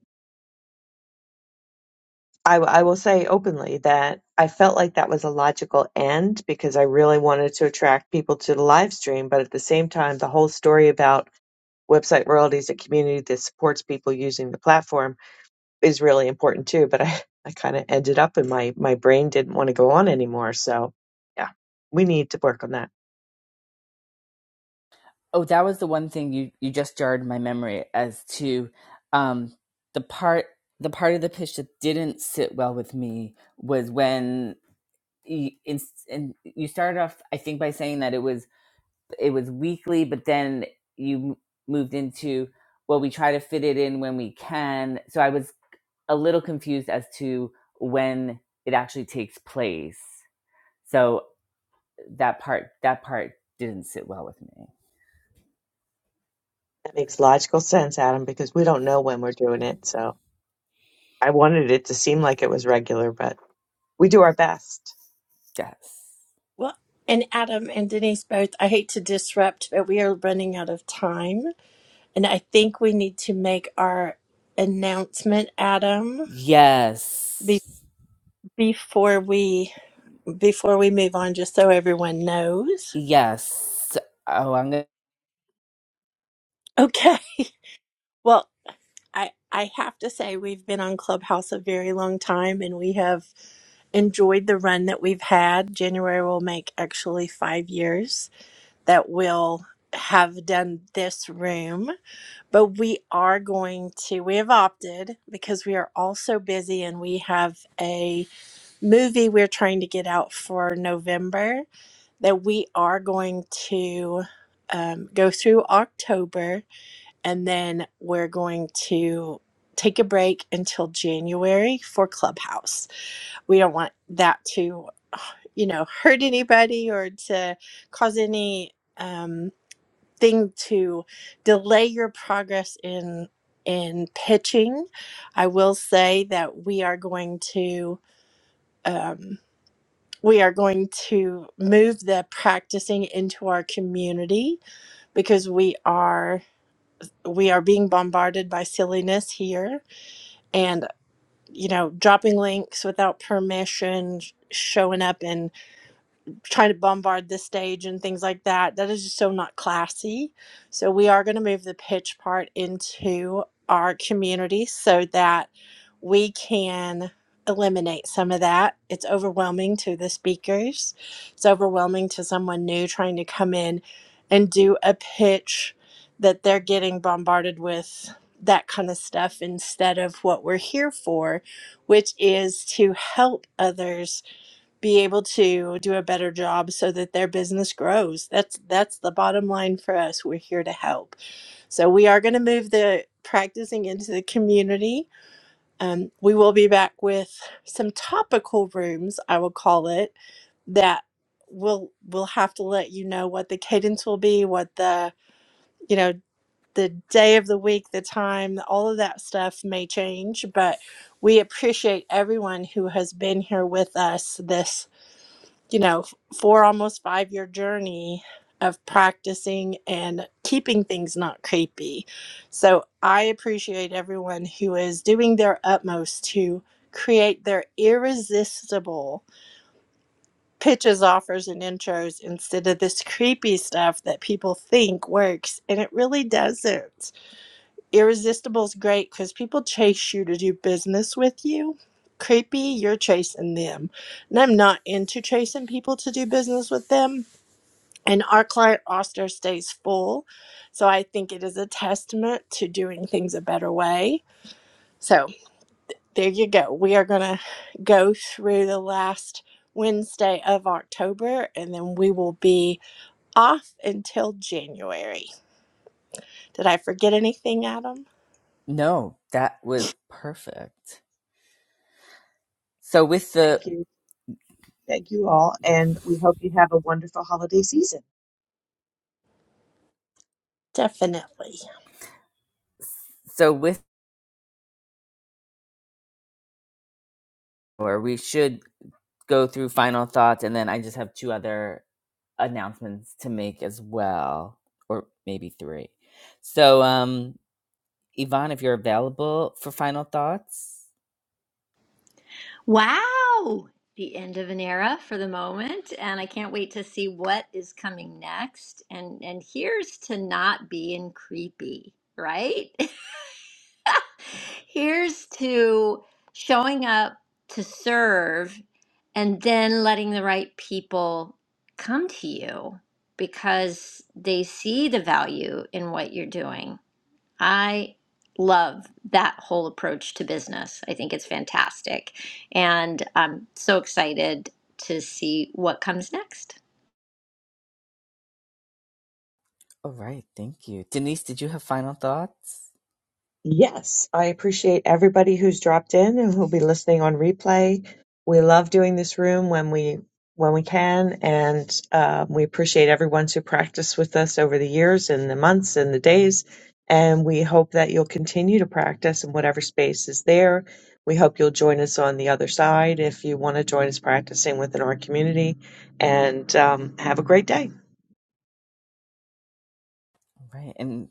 [SPEAKER 2] I, w- I will say openly that I felt like that was a logical end because I really wanted to attract people to the live stream. But at the same time, the whole story about website royalties, a community that supports people using the platform, is really important too. But I, I kind of ended up and my, my brain didn't want to go on anymore. So, yeah, we need to work on that.
[SPEAKER 1] oh that was the one thing you you just jarred my memory as to um the part the part of the pitch that didn't sit well with me was when you, in, and you started off i think by saying that it was it was weekly but then you m- moved into well we try to fit it in when we can so i was a little confused as to when it actually takes place. So that part that part didn't sit well with me.
[SPEAKER 2] That makes logical sense, Adam, because we don't know when we're doing it. So. I wanted it to seem like it was regular, but we do our best.
[SPEAKER 1] Yes.
[SPEAKER 3] Well, and Adam and Denise both, I hate to disrupt, but we are running out of time. And I think we need to make our announcement, Adam, be-
[SPEAKER 1] Yes.
[SPEAKER 3] before we before we move on, just so everyone knows.
[SPEAKER 1] Yes. Oh, I'm gonna
[SPEAKER 3] Okay. Well, I, I have to say, we've been on Clubhouse a very long time and we have enjoyed the run that we've had. January will make actually five years that we'll have done this room, but we are going to, we have opted because we are all so busy and we have a movie we're trying to get out for November that we are going to um, go through October and then we're going to take a break until January for Clubhouse. We don't want that to, you know, hurt anybody or to cause any um, thing to delay your progress in in pitching. I will say that we are going to. Um, we are going to move the practicing into our community because we are we are being bombarded by silliness here and you know dropping links without permission sh- showing up in. Trying to bombard the stage and things like that. That is just so not classy. So we are going to move the pitch part into our community so that we can eliminate some of that. It's overwhelming to the speakers. It's overwhelming to someone new trying to come in and do a pitch that they're getting bombarded with that kind of stuff instead of what we're here for, which is to help others be able to do a better job so that their business grows. That's that's the bottom line for us. We're here to help. So we are going to move the practicing into the community. Um, we will be back with some topical rooms, I will call it, that we will we will have to let you know what the cadence will be, what the you know the day of the week, the time, all of that stuff may change, but we appreciate everyone who has been here with us this you know, four almost five year journey of practicing and keeping things not creepy. So I appreciate everyone who is doing their utmost to create their irresistible pitches, offers, and intros instead of this creepy stuff that people think works and it really doesn't. Irresistible is great because people chase you to do business with you. Creepy, you're chasing them. And I'm not into chasing people to do business with them. And our client roster stays full. So I think it is a testament to doing things a better way. So there you go. We are going to go through the last Wednesday of October and then we will be off until January. Did I forget anything, Adam?
[SPEAKER 1] no, that was perfect. So with
[SPEAKER 2] Thank
[SPEAKER 1] the
[SPEAKER 2] you. Thank you all.
[SPEAKER 1] yeah.
[SPEAKER 2] And we hope you have a wonderful holiday season.
[SPEAKER 3] Definitely.
[SPEAKER 1] so with or we should go through final thoughts and then I just have two other announcements to make as well. Or maybe three. So um Yvonne, if you're available for final thoughts.
[SPEAKER 4] Wow. The end of an era for the moment, and I can't wait to see what is coming next. And and here's to not being creepy, right? Here's to showing up to serve and then letting the right people come to you because they see the value in what you're doing. I love that whole approach to business. I think it's fantastic. And I'm so excited to see what comes next.
[SPEAKER 1] All right, thank you. Denise, did you have final thoughts?
[SPEAKER 2] Yes, I appreciate everybody who's dropped in and who'll be listening on replay. We love doing this room when we when we can, and um, we appreciate everyone who practiced with us over the years and the months and the days. And we hope that you'll continue to practice in whatever space is there. We hope you'll join us on the other side if you want to join us practicing within our community. And um, have a great day.
[SPEAKER 1] Right. And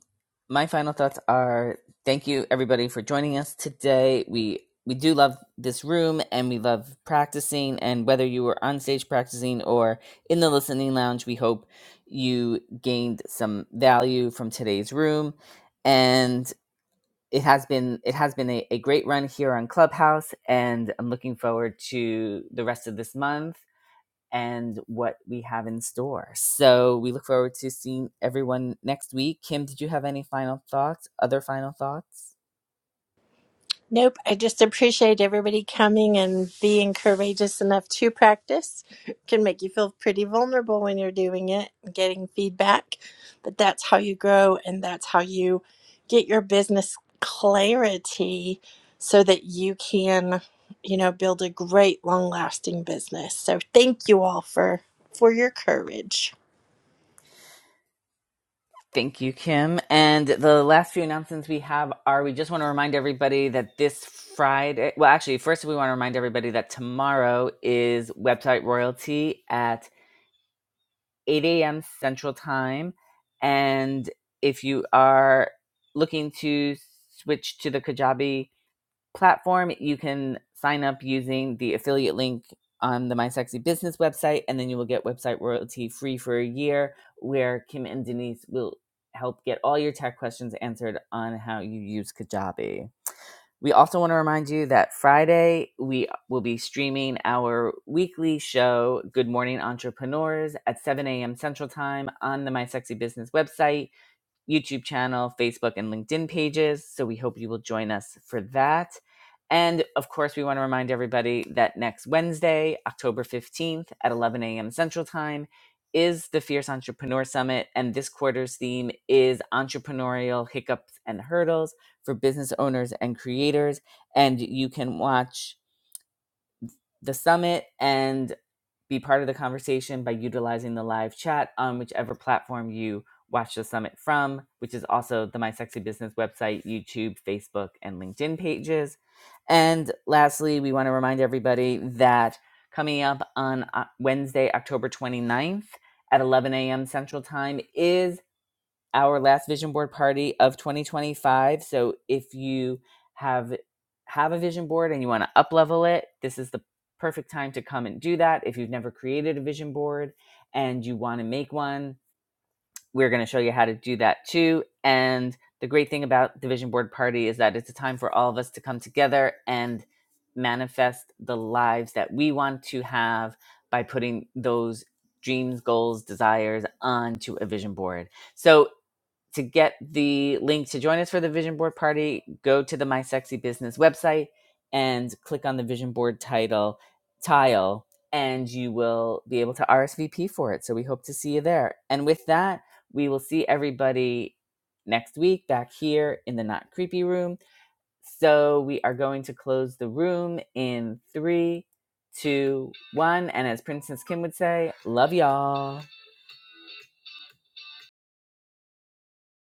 [SPEAKER 1] my final thoughts are thank you everybody for joining us today. We we do love this room and we love practicing and whether you were on stage practicing or in the listening lounge, we hope you gained some value from today's room. And it has been it has been a, a great run here on Clubhouse and I'm looking forward to the rest of this month and what we have in store. So we look forward to seeing everyone next week. Kim, did you have any final thoughts? Other final thoughts?
[SPEAKER 3] Nope, I just appreciate everybody coming and being courageous enough to practice. It Can make you feel pretty vulnerable when you're doing it and getting feedback, but that's how you grow and that's how you get your business clarity so that you can, you know, build a great long-lasting business. So thank you all for for your courage.
[SPEAKER 1] Thank you, Kim. And the last few announcements we have are we just want to remind everybody that this Friday, well, actually, first we want to remind everybody that tomorrow is website royalty at 8 a.m. Central Time. And if you are looking to switch to the Kajabi platform. You can sign up using the affiliate link on the My Sexy Business website, and then you will get website royalty free for a year, where Kim and Denise will help get all your tech questions answered on how you use Kajabi. We also want to remind you that Friday we will be streaming our weekly show, Good Morning Entrepreneurs, at 7 a.m. Central Time on the My Sexy Business website. YouTube channel, Facebook, and LinkedIn pages. So we hope you will join us for that. And of course, we want to remind everybody that next Wednesday, October 15th at 11 a.m. Central Time, is the Fierce Entrepreneur Summit. And this quarter's theme is entrepreneurial hiccups and hurdles for business owners and creators. And you can watch the summit and be part of the conversation by utilizing the live chat on whichever platform you watch the summit from, which is also the My Sexy Business website, YouTube, Facebook, and LinkedIn pages. And lastly, we want to remind everybody that coming up on uh, Wednesday, October twenty ninth, at 11 a.m. Central Time is our last vision board party of 2025. So if you have have a vision board and you want to up level it, this is the perfect time to come and do that. If you've never created a vision board and you want to make one, we're going to show you how to do that too. And the great thing about the vision board party is that it's a time for all of us to come together and manifest the lives that we want to have by putting those dreams, goals, desires onto a vision board. So to get the link to join us for the vision board party, go to the My Sexy Business website and click on the vision board title tile, and you will be able to RSVP for it. So we hope to see you there. And with that, we will see everybody next week back here in the Not Creepy Room. So we are going to close the room in three, two, one. And as Princess Kim would say, love y'all.